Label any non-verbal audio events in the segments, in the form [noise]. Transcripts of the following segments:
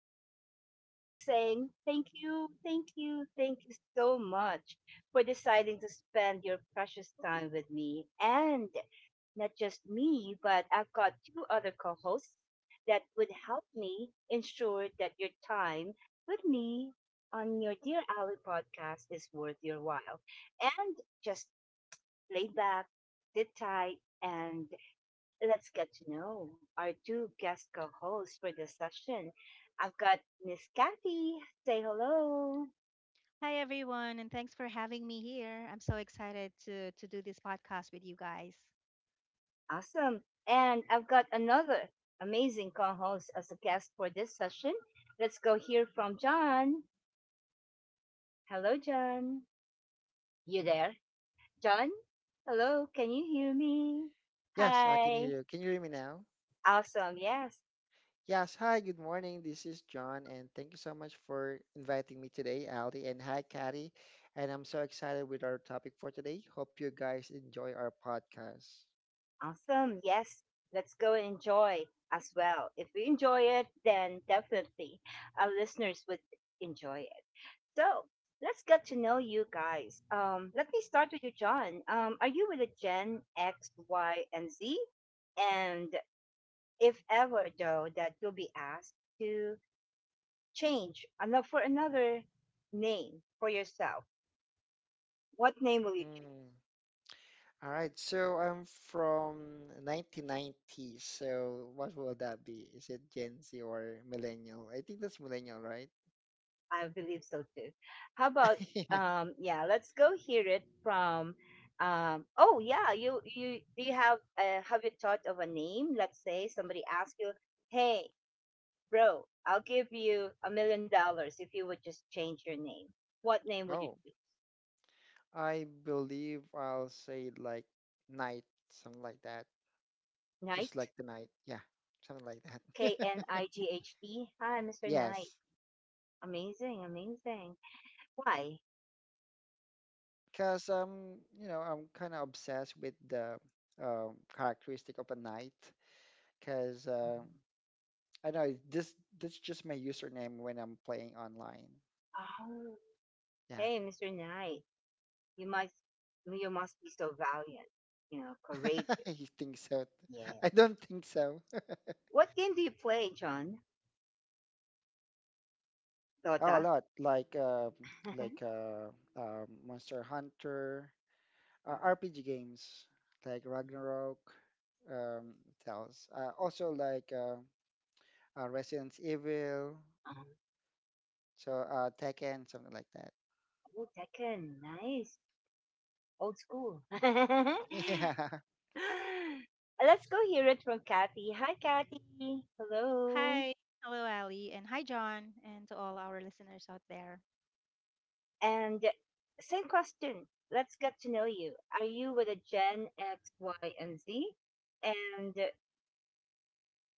is your dear Ali saying thank you, thank you, thank you so much for deciding to spend your precious time with me. And not just me, but I've got two other co hosts that would help me ensure that your time with me on your Dear Ali podcast is worth your while. And just lay back, sit tight, and let's get to know our two guest co hosts for this session. I've got Miss Kathy. Say hello. Hi everyone, and thanks for having me here. I'm so excited to do this podcast with you guys. Awesome. And I've got another amazing co host as a guest for this session. Let's go hear from John. Hello, John. You there? John? Hello, can you hear me? Yes, I can hear Hi. you. Can you hear me now? Awesome. Yes. Yes, hi, good morning. This is John, and thank you so much for inviting me today, Ali. And hi, Katty. And I'm so excited with our topic for today. Hope you guys enjoy our podcast. Awesome. Yes. Let's go and enjoy as well. If we enjoy it, then definitely our listeners would enjoy it. So let's get to know you guys. Let me start with you, John. Are you with a Gen X, Y, and Z? And if ever, though, that you'll be asked to change for another name for yourself, what name will you choose? Mm. All right, so I'm from 1990s. So what will that be? Is it Gen Z or millennial? I think that's millennial, right? I believe so too. How about [laughs] yeah, let's go hear it from oh yeah, you do you have you thought of a name? Let's say somebody asks you, "Hey, bro, I'll give you $1 million if you would just change your name." What name would you Oh, choose? I believe I'll say like night, something like that. Just Knight? like the night. Yeah, something like K N that. I G H T. Hi, [laughs] Mr. Knight. Yes, Amazing, amazing. Why? because you know, I'm kind of obsessed with the characteristic of a knight. Because I know this. That's just my username when I'm playing online. Oh, Yeah. hey, Mr. Knight. You must you must be so valiant, you know, [laughs] courageous. You think so? Yeah. I don't think so. What game do you play, John? Oh, Dota? a lot like uh, like [laughs] uh, uh, Monster Hunter, RPG games like Ragnarok, um, what also like Resident Evil, Um, so Tekken, something like that. oh, Tekken, nice. Old school. [laughs] Let's [laughs] Yeah. go hear it from Kathy. Hi, Kathy. Hello. Hi, hello Ali, and hi John, and to all our listeners out there. And same question. Let's get to know you. Are you with a Gen X, Y, and Z? And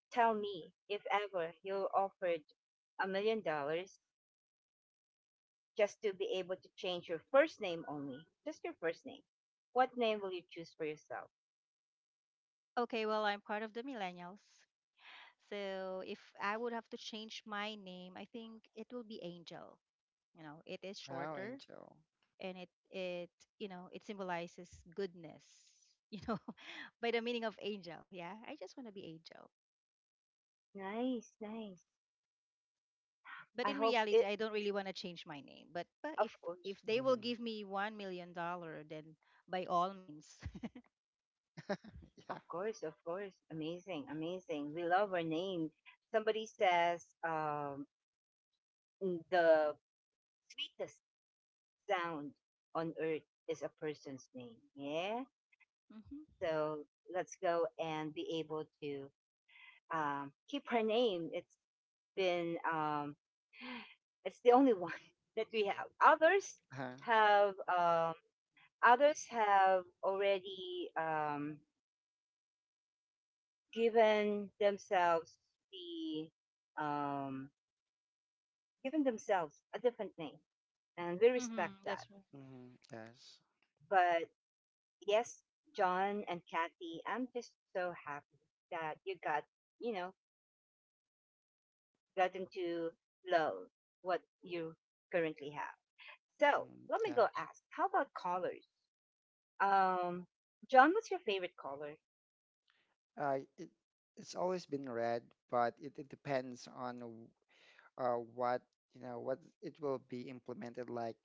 tell me if ever you're offered $1 million just to be able to change your first name only, just your first name. What name will you choose for yourself? Okay, well I'm part of the millennials, so if I would have to change my name, I think it will be Angel. You know, it is Power shorter, Angel. and it you know it symbolizes goodness. [laughs] You know, by the meaning of angel. Yeah, I just want to be Angel. Nice, nice. But I in hope reality, it, I don't really want to change my name, but of if course, they will Hmm give me 1,000,000 dollar, then by all means. [laughs] yeah. of course, of course. Amazing, amazing. We love our name. Somebody says the sweetest sound on earth is a person's name. Yeah. Hmm. So let's go and be able to keep her name. It's been [sighs] it's the only one [laughs] that we have. Uh-huh. have um, Others have already given themselves the um, given themselves a different name, and we respect Hmm, that. that's right. hmm yes. But yes, John and Kathy, I'm just so happy that you got you know gotten to love what you currently have. So Mm, let me yeah. go ask. How about colors? Um, John, what's your favorite color? Uh, it, it's always been red, but it depends on what, you know, what it will be implemented like.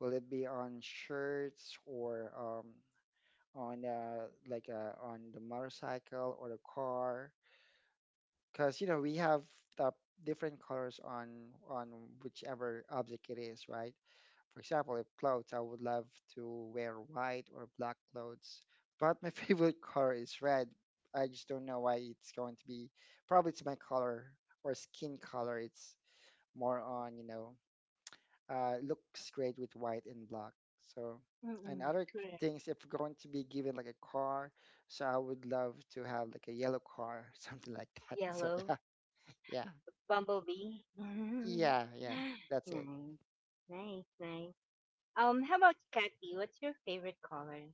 Will it be on shirts, or on the motorcycle or the car? Because you know we have the different colors on on whichever object it is, right? For example, if clothes, I would love to wear white or black clothes, but my [laughs] favorite color is red. I just don't know why it's going to be. Probably it's my color or skin color. It's more on, you know, looks great with white and black. So, and Mm-mm. other Correct. things, if we're going to be given like a car, so I would love to have like a yellow car, [laughs] something like that. So Yellow. yeah, yeah. Bumblebee. [laughs] Yeah, yeah, Nice, that's it. nice, nice. How about Kathy? What's your favorite color?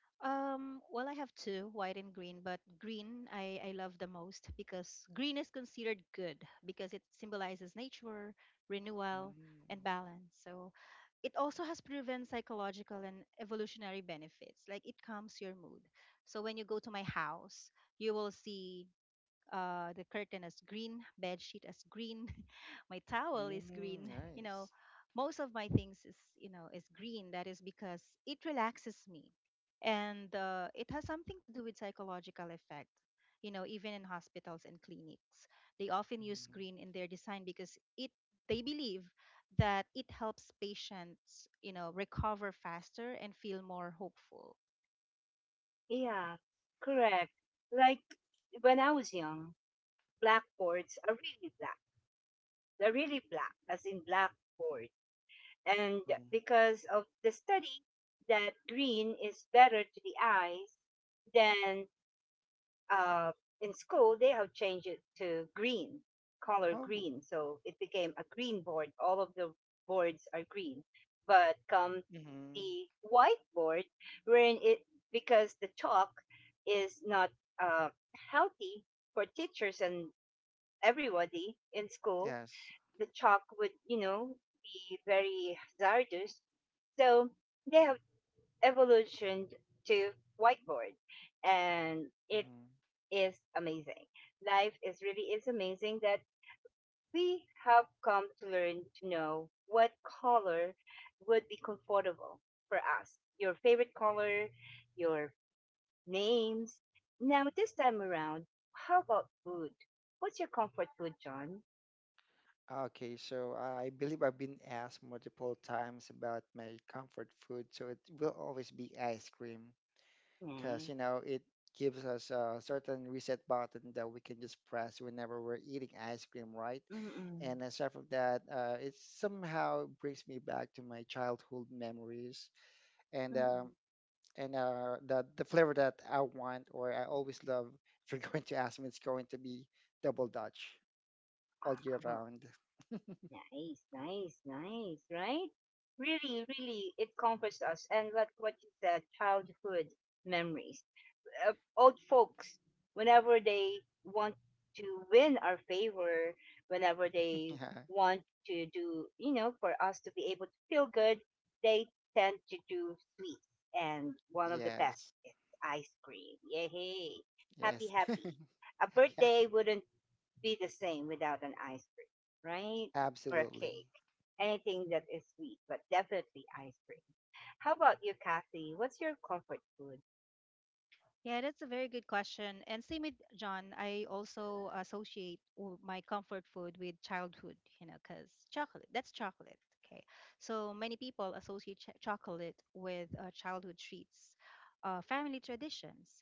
[laughs] Well, I have two, white and green, but green I love the most, because green is considered good because it symbolizes nature, renewal, Mm, and balance. So it also has proven psychological and evolutionary benefits, like it calms your mood. So when you go to my house, you will see the curtain as green, bed sheet as green, [laughs] my towel is mm, green. [laughs] You know, nice. most of my things is you know is green. That is because it relaxes me, and it has something to do with psychological effect. You know, even in hospitals and clinics, they often use Mm-hmm. green in their design because it they believe that it helps patients you know recover faster and feel more hopeful. Yeah, correct. Like when I was young, blackboards are really black. They're really black, as in blackboard. And Mm. because of the study that green is better to the eyes than, uh, in school, they have changed it to green, color Oh, green. So it became a green board. All of the boards are green. But come hmm the whiteboard, wherein it, because the chalk is not uh, healthy for teachers and everybody in school, yes. the chalk would be very hazardous. So they have evolutioned to whiteboard and it hmm is amazing. Life is really is amazing that we have come to learn to know what color would be comfortable for us. Your favorite color, your names. Now this time around, how about food? What's your comfort food, John? Okay, so I believe I've been asked multiple times about my comfort food, so it will always be ice cream because Nice. you know it gives us a certain reset button that we can just press whenever we're eating ice cream, right? Mm-mm. And aside from that, it somehow brings me back to my childhood memories and um, Mm-mm. and the flavor that I want or I always love. If you're [laughs] going to ask me, it's going to be double Dutch all year Wow. round. Nice, nice, nice, right? Really, really, it comforts us. And what you said, childhood memories. Old folks, whenever they want to win our favor, whenever [laughs] they Yeah. want to do, for us to be able to feel good, they tend to do sweets, and one of the best Yes. is ice cream. Yay, happy, Yes. happy. A [laughs] Yeah. birthday wouldn't be the same without an ice cream, right? Or a Absolutely. cake, anything that is sweet, but definitely ice cream. How about you, Kathy? What's your comfort food? Yeah, that's a very good question. And same with John, I also associate my comfort food with childhood, you know, because chocolate, that's chocolate. Okay. So many people associate chocolate with childhood treats, family traditions.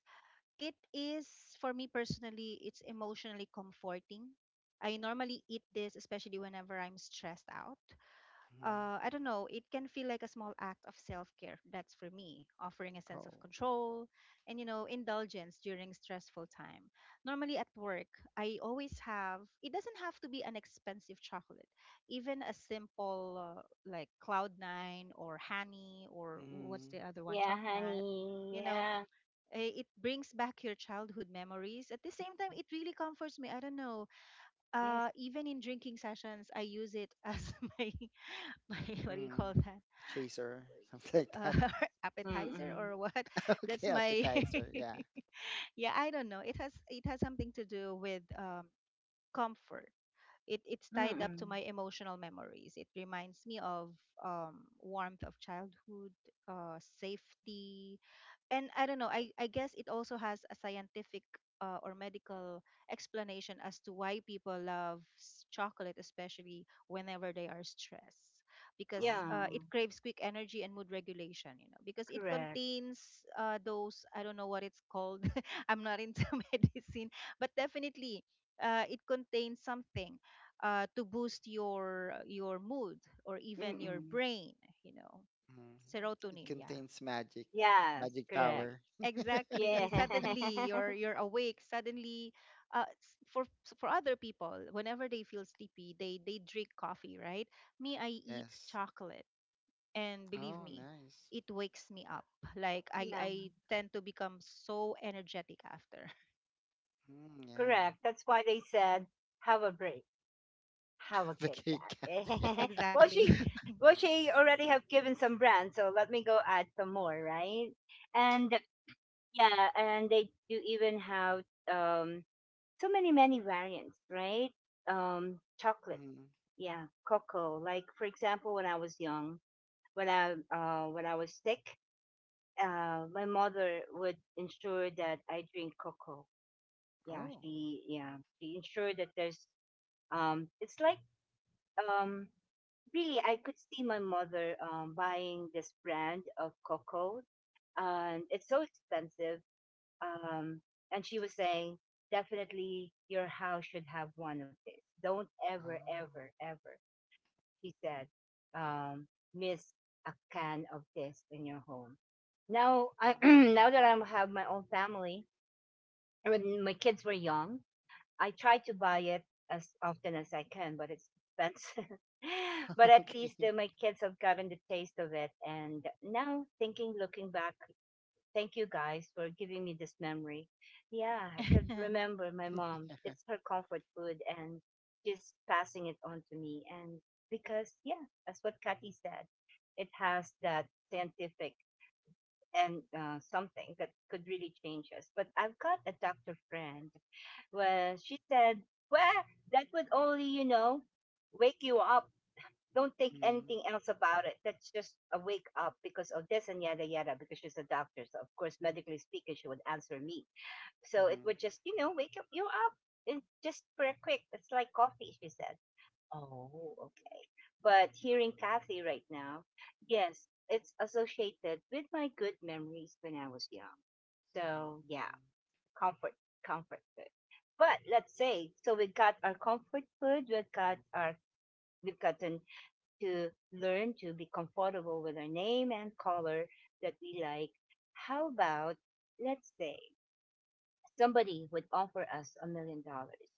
It is, for me personally, it's emotionally comforting. I normally eat this, especially whenever I'm stressed out. Mhm. I don't know, it can feel like a small act of self care. That's for me, offering a sense of Oh. control and, you know, indulgence during stressful time. Normally at work, I always have, it doesn't have to be an expensive chocolate. Even a simple, like Cloud Nine or Honey or what's Mm-hmm. the other one, Yeah, Chocolate, honey, you know, yeah. It brings back your childhood memories. At the same time, it really comforts me. I don't know. Yes. Even in drinking sessions, I use it as [laughs] my [laughs] my what do you Mm-hmm. call that, Chaser, [laughs] something like uh, that. [laughs] appetizer Mm-mm. or what. [laughs] That's Okay, my appetizer. Yeah. [laughs] yeah, I don't know, it has something to do with comfort. It's tied up to Mm-mm. my emotional memories. It reminds me of warmth of childhood, safety, and I don't know. I guess it also has a scientific or medical explanation as to why people love chocolate, especially whenever they are stressed, Oh. because Yeah, it craves quick energy and mood regulation. You know, because it correct. contains those, I don't know what it's called. [laughs] I'm not into [laughs] medicine, but definitely it contains something. To boost your mood or even your Mm-mm. brain, you know, Mm. It serotonin. Yeah. contains magic, Yes, magic Y- correct. power. exactly, Yeah. suddenly you're [laughs] you're awake suddenly. For for other people, whenever they feel sleepy, they drink coffee, right? Me, I eat Yes. chocolate, and believe Oh, me, nice. it wakes me up. Like i Yeah, i tend to become so energetic after. Mm, yeah. correct. That's why they said, have a break, have a [laughs] The Kit Kit Kat. [laughs] [laughs] Kat. Yeah. [laughs] Well, Exactly. [laughs] well, she already have given some brands, so let me go add some more, right? And yeah, and they do even have um so many many variants, right? Chocolates. Mm. Yeah, cocoa. Like for example, when I was young, when I was sick, my mother would ensure that I drink cocoa. Yeah, Oh. she ensured that there's, it's like, um really, I could see my mother buying this brand of cocoa, and it's so expensive. Um, and she was saying, definitely your house should have one of this. Don't ever ever Oh, ever, she said, um, miss a can of this in your home. Now, [clears throat] mm. now that I have my own family, and when my kids were young, I try to buy it as often as I can, but it's expensive. [laughs] But [laughs] at least Okay. My kids have gotten the taste of it. And now, thinking, looking back, thank you guys for giving me this memory. Yeah, I could [laughs] remember my [laughs] mom. Yeah. It's her comfort food and she's passing it on to me. And because, yeah, that's what Kathy said, it has that scientific and, something that could really change us. But I've got a doctor friend where she said, well, that would only wake you up, don't think Mm-hmm. anything else about it. That's just a wake up because of this and yada yada. Because she's a doctor, so of course, medically speaking, she would answer me. So it would just wake up you up and just pretty quick. It's like coffee, she said. Oh, okay. But hearing Kathy right now, yes, it's associated with my good memories when I was young. So Mm-hmm. yeah, Mm-hmm. comfort, comfort food. But let's say, so we got our comfort food, we've gotten to learn to be comfortable with our name and color that we like. How about, let's say, somebody would offer us $1 million.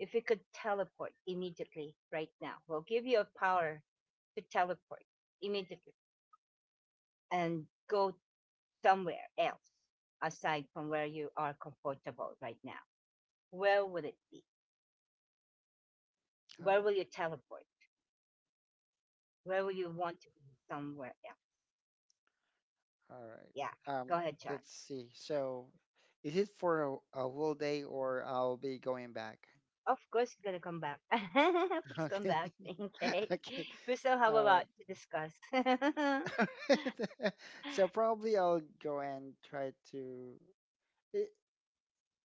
If we could teleport immediately right now, we'll give you a power to teleport immediately and go somewhere else aside from where you are comfortable right now. Where would it be? Where Oh, will you teleport? Where will you want to be somewhere else? all right. Yeah, go ahead, John. Let's see. So, is it for a whole day, or I'll be going back? Of course, he's gonna come back. [laughs] [laughs] Please come Okay. back. [laughs] [laughs] Okay. Okay. We still have a All right. lot to discuss. [laughs] Mm-mm. [laughs] So probably I'll go and try to. eh,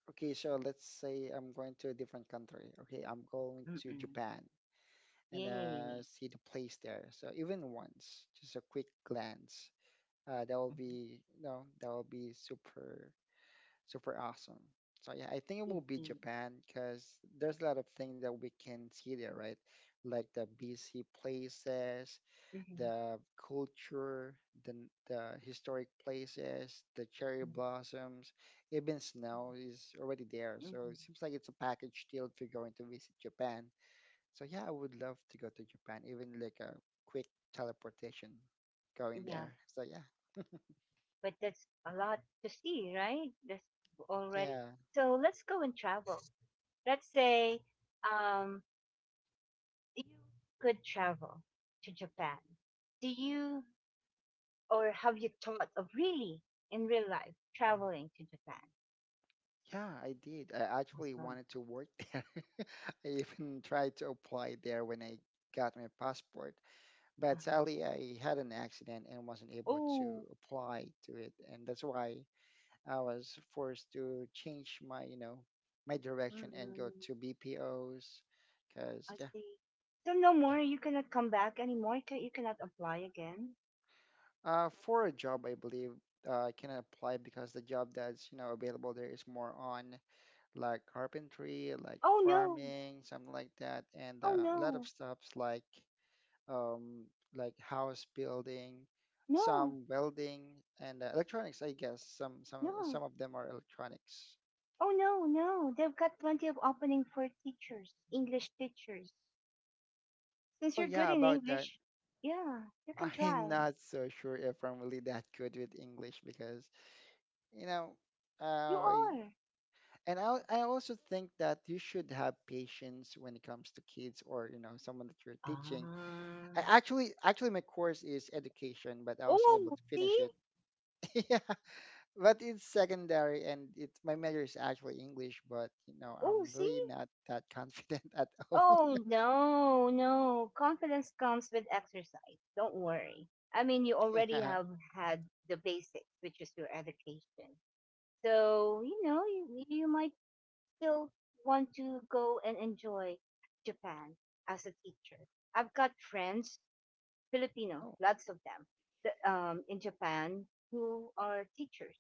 Okay, so let's say I'm going to a different country. Okay, I'm going to Japan and Yay. See the place there. So even once, just a quick glance. That will Mhm. be, you know, that will be super super awesome. So yeah, I think it will be Mhm. Japan because there's a lot of things that we can see there, right? Like the BC places, Mhm. the culture, the historic places, the cherry blossoms, even snow is already there. So Mhm. it seems like it's a package deal if you're going to visit Japan. So yeah, I would love to go to Japan, even like a quick teleportation going Yeah, there. So yeah, but that's a lot to see, right? That's already. yeah. So let's go and travel. Let's say, um, you could travel to Japan. Do you or have you thought of really in real life traveling to Japan? Yeah, I did. I actually Awesome. wanted to work there. [laughs] I even tried to apply there when I got my passport, but sadly I had an accident and wasn't able to Uh-huh. apply to it, and that's why I was forced to change my, you know, my direction and go mm to BPOs, because I yeah, see. So no more. You cannot come back anymore. Can you cannot apply again? For a job I believe I can apply, because the job that's you know available there is more on like carpentry, like Oh no! farming, something like that, and Oh a lot no! of stuffs um, like house building, No! some welding, and electronics. I guess some some No! some of them are electronics. Oh no! No! They've got plenty of opening for teachers, English teachers. Since Oh you're good yeah, in about that. English, yeah, you can [laughs] I'm try. not so sure if I'm really that good with English because you know, You uh, are. and I also think that you should have patience when it comes to kids, or you know someone that you're teaching. Ah. I actually actually my course is education, but I wasn't able Oh, to finish see? it. [laughs] Yeah, but it's secondary, and it's my major is actually English, but you know I'm Oh, really see? not that confident [laughs] at all. Oh, no, no. Confidence comes with exercise. Don't worry. I mean, you [laughs] already Yeah. have had the basics, which is your education. So, you might still want to go and enjoy Japan as a teacher. I've got friends, Filipino, Oh, lots of them, in Japan, who are teachers.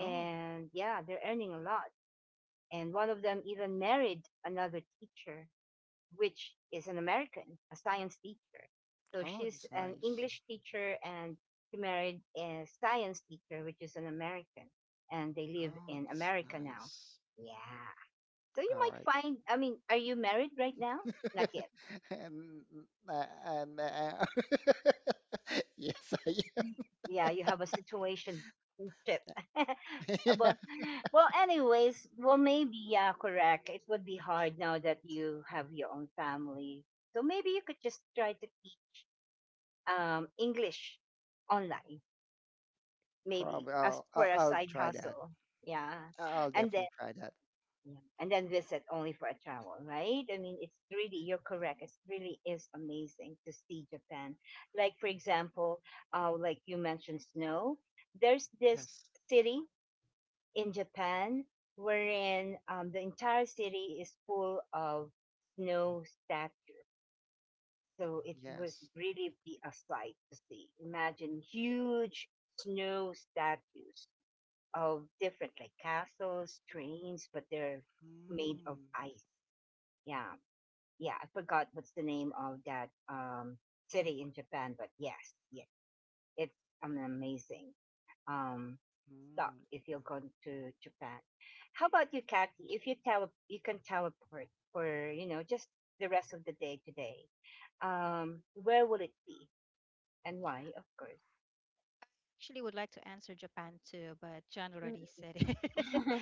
oh, yeah, they're earning a lot. And one of them even married another teacher, which is an American, a science teacher. So oh, she's that's an nice. English teacher and she married a science teacher, which is an American, and they live Oh, in that's America now. nice. Yeah. So you All right. might find, I mean, are you married right now? Not yet. [laughs] and and [laughs] yes, I, Yeah, you have a situation trip. [laughs] [laughs] yeah, well, well, anyways, well, maybe, yeah, correct. It would be hard now that you have your own family. So maybe you could just try to teach English online, maybe probably. as I'll, for I'll a I'll side try that. hustle. Yeah, I'll and then definitely try that. yeah. and then visit only for a travel, right? I mean, it's really, you're correct. It really is amazing to see Japan. Like for example, like you mentioned, snow. There's this Yes, city in Japan wherein, the entire city is full of snow statues. So it was yes. really be a sight to see. Imagine huge snow statues of different like castles, trains, but they're made of Mm. ice. Yeah. Yeah. I forgot what's the name of that city in Japan, but yes, yeah. It's an amazing um stuff Mm. if you're going to Japan. How about you, Kathy? If you tele you can teleport for, just the rest of the day today, where would it be? And why, of course. Actually would like to answer Japan too, but John already Mm. said it.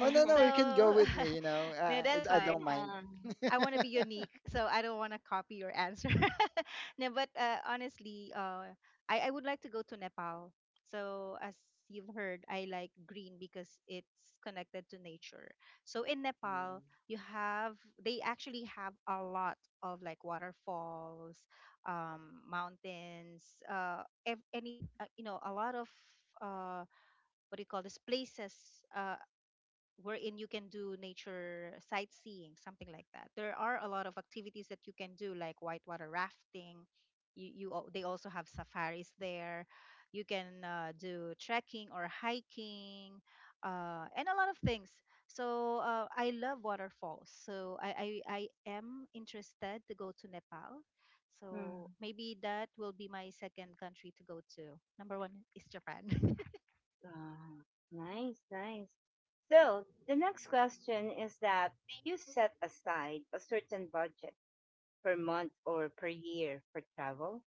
Oh no, So no, you can go with me. You know, [laughs] no, I that's I fine. don't Yeah. mind. [laughs] I want to be Mm. unique, so I don't want to copy your answer. [laughs] No, but honestly, I would like to go to Nepal. So as you've heard, I like green because it's connected to nature. So in Nepal, you have they actually have a lot of like waterfalls, mountains, ev- any you know, a lot of uh, what do you call this places. Uh, Wherein you can do nature sightseeing, something like that. There are a lot of activities that you can do, like whitewater rafting. You, they also have safaris there. You can do trekking or hiking, and a lot of things. So I love waterfalls. So I am interested to go to Nepal. Mm. So maybe that will be my second country to go to. Number one is Japan. [laughs] Ah, nice, nice. So the next question is that, do you set aside a certain budget per month or per year for travel?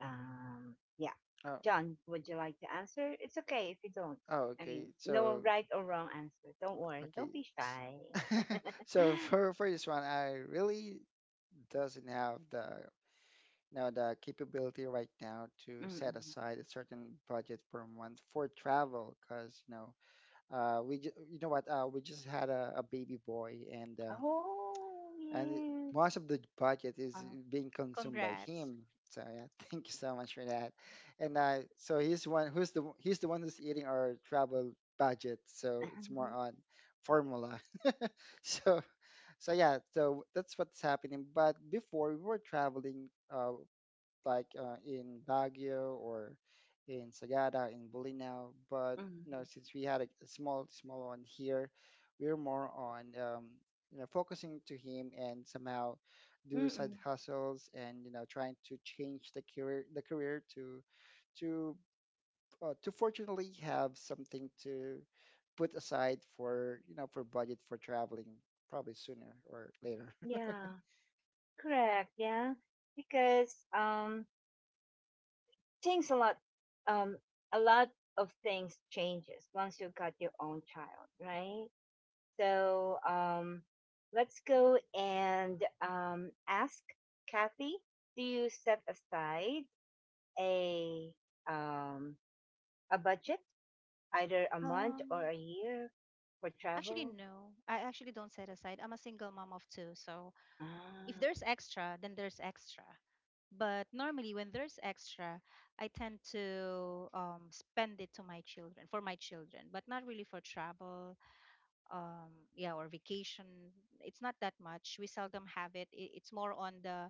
Yeah. Oh, John, would you like to answer? It's okay if you don't. oh, I mean, okay. no So, right or wrong answer. Don't worry. okay. Don't be S- shy. [laughs] So for [gasps] this one, I really doesn't have the now the capability right now to set Mm-mm. aside a certain budget per month for travel, because you know you know what, we just had a baby boy, and uh, Oh, and yeah. most of the budget is Wow, being consumed by congrats. him. So yeah, [laughs] thank you so much for that. And so he's one who's the he's the one who's eating our travel budget. So it's more [laughs] on formula. [laughs] So so yeah, so that's what's happening. But before we were traveling in Baguio, or in Sagada, in Bulinaw. But you know, Mm-mm. since we had a small, small one here, we're more on you know focusing to him, and somehow do side Mm-mm. hustles and you know trying to change the career to to to fortunately have something to put aside for you know for budget for traveling probably sooner or later. [laughs] Yeah. Correct, yeah. Because things um a lot of things changes once you got your own child, right? So Yes. Let's go and ask Kathy, do you set aside a um a budget, either a month or Um, a year for Actually, travel? no. I actually don't set aside. I'm a single mom of two. So if Ah, there's extra, then there's extra. But normally, when there's extra, I tend to spend it to my children, for my children, but not really for travel, yeah, or vacation. It's not that much. We seldom have it. It's more on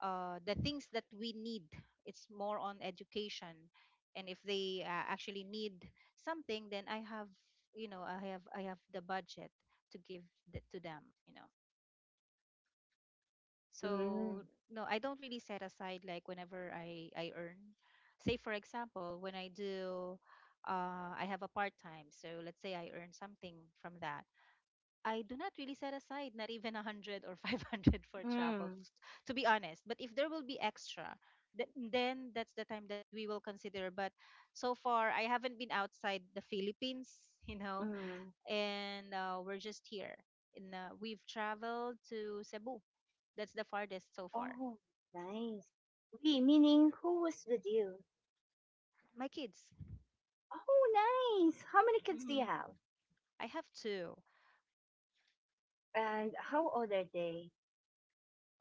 the things that we need. It's more on education, and if they actually need something, then I have you know I have the budget to give to them. You know, mm, so no, I don't really set aside like whenever I earn. Say for example, when I do, I have a part time. So let's say I earn something from that. I do not really set aside not even 100 or [laughs] 500 for travel, mm, to be honest. But if there will be extra, then that's the time that we will consider. But so far, I haven't been outside the Philippines, [laughs] you know, mm. and we're just here. And we've traveled to Cebu. That's the farthest so far. Oh, nice. We, meaning who was with you? My kids. Oh, nice. How many kids do you Hmm. have? I have two. And how old are they?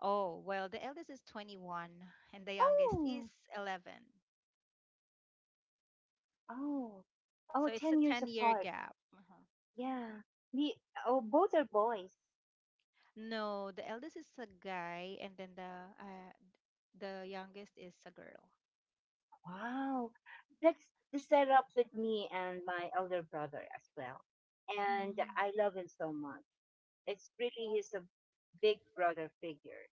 Oh, well, the eldest is 21 and the youngest is Oh, 11. oh, oh, So it's a 10 years 10-year apart. gap. Uh-huh. Yeah. We, oh, both are boys. No, the eldest is a guy, and then the youngest is a girl. Wow. That's the setup with me and my elder brother as well. And Mm. I love him so much. It's really, he's a big brother figure.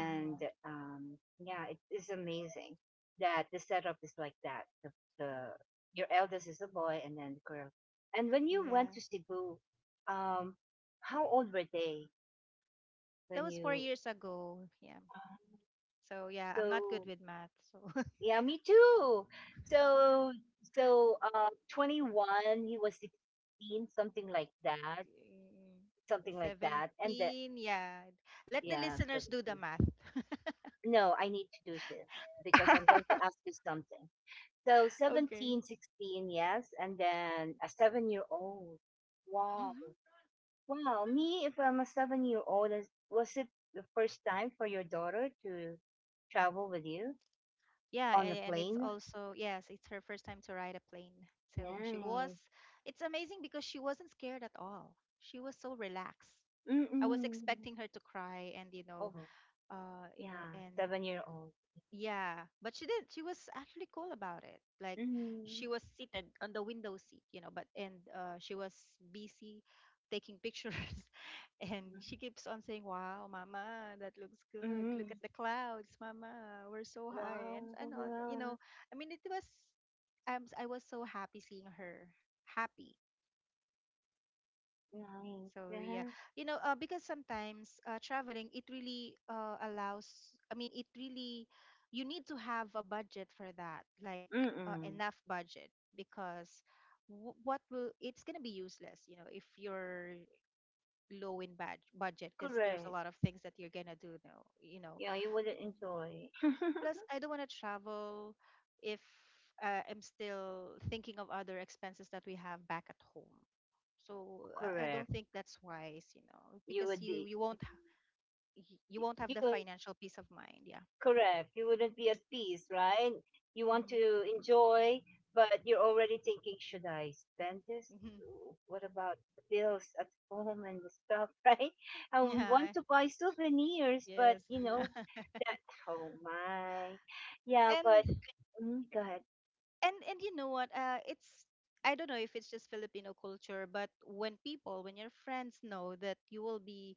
Oh, yeah, it is amazing that the setup is like that. The your eldest is a boy, and then the girl. And when you went yeah. to Cebu, um, how old were they That when was four you? years ago. Yeah. Uh, So yeah, I'm not good so with math. So [laughs] yeah, me too. So so 21, he was 16, Mm, something like that, and that, 17. Yeah. Let the yeah, listeners do the 17. math. [laughs] No, I need to do this because I'm going to ask [laughs] you something. So Okay. 17, 16, yes, and then a 7-year old. Wow. Mm-hmm. Wow. Me, if I'm a 7-year old, was it the first time for your daughter to travel with you Yeah, on a and it's plane? also yes, it's her first time to ride a plane. So she was. Nice. It's amazing because she wasn't scared at all. She was so relaxed. I was Mm-mm. expecting her to cry and Oh, you know, yeah. and 7-year old. yeah, but she did. She was actually cool about it. Like Mm. she was seated on the window seat, you know, but and she was busy taking pictures [laughs] and she keeps on saying, "Wow, mama, that looks good. Look at Mm. the clouds, mama. We're so high." Wow. and all, that, you Yeah. know, I mean, it was I was so happy seeing her happy. Nice. So yeah, Yeah. you know, because sometimes traveling it really allows. I mean, it really you need to have a budget for that, like Mm-mm. enough budget, because what will it's gonna be useless, you know, if you're low in bad budget, because there's Correct. a lot of things that you're gonna do now, you know. Yeah, you wouldn't enjoy. Plus, I don't want to travel if I'm still thinking of other expenses that we have back at home. So [laughs] I don't Correct. think that's wise, you know, You because would you be. you won't ha- y- you won't have You the will. financial peace of mind. Yeah. Correct. You wouldn't be at peace, right? You want Mm-hmm. to enjoy, but you're already thinking, should I spend this? Mm-hmm. What about the bills at home and the stuff, [laughs] right? I would want Yeah. to buy souvenirs, but Yes. [laughs] That, oh my. Yeah, but, and go ahead. and and you know what? It's I don't know if it's just Filipino culture, but when people, when your friends know that you will be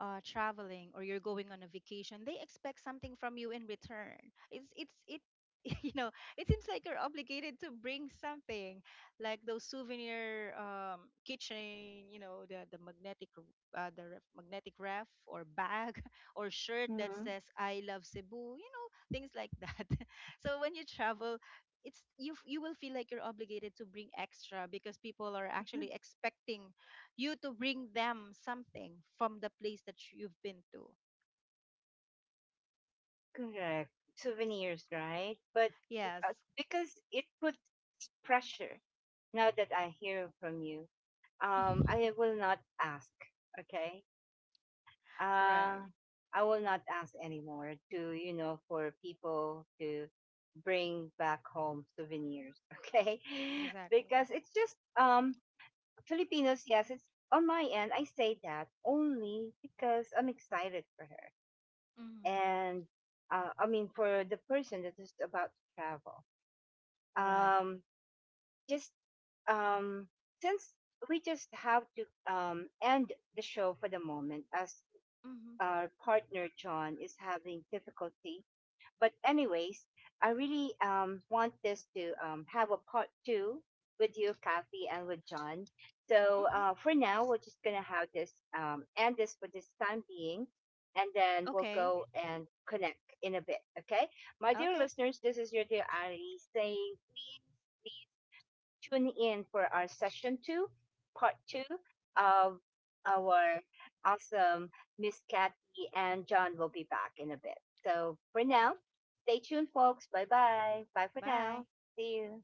traveling or you're going on a vacation, they expect something from you in return. It's it [laughs] you know it seems like you're obligated to bring something, like those souvenir kitchen, you know, the magnetic the ref, magnetic ref or bag, [laughs] or shirt that Hmm. says I love Cebu, you know, things like that. [laughs] So when you travel, it's you you will feel like you're obligated to bring extra because people are actually [laughs] expecting you to bring them something from the place that you've been to. Correct. Souvenirs, right? But, Yes. Because it puts pressure, now that I hear from you, [laughs] I will not ask. Okay. Right. uh, I will not ask anymore to, for people to bring back home souvenirs, [laughs] okay? Exactly. Because it's just, Filipinos, yes, it's on my end. I say that only because I'm excited for her. Hmm. And, I mean, for the person that is about to travel. Right. Um just um since we just have to end the show for the moment, as Hmm. our partner John is having difficulty. But anyways, I really want this to have a part two with you, Kathy, and with John. So Hmm. For now, we're just gonna have this end this for this time being, and then we'll Okay. go and connect in a bit. Okay, my dear Okay. listeners, this is your dear Ali saying please tune in for our session two, part two of our awesome Miss Kathy, and John will be back in a bit. So for now, stay tuned, folks. Bye bye. Bye for Bye. now. See you.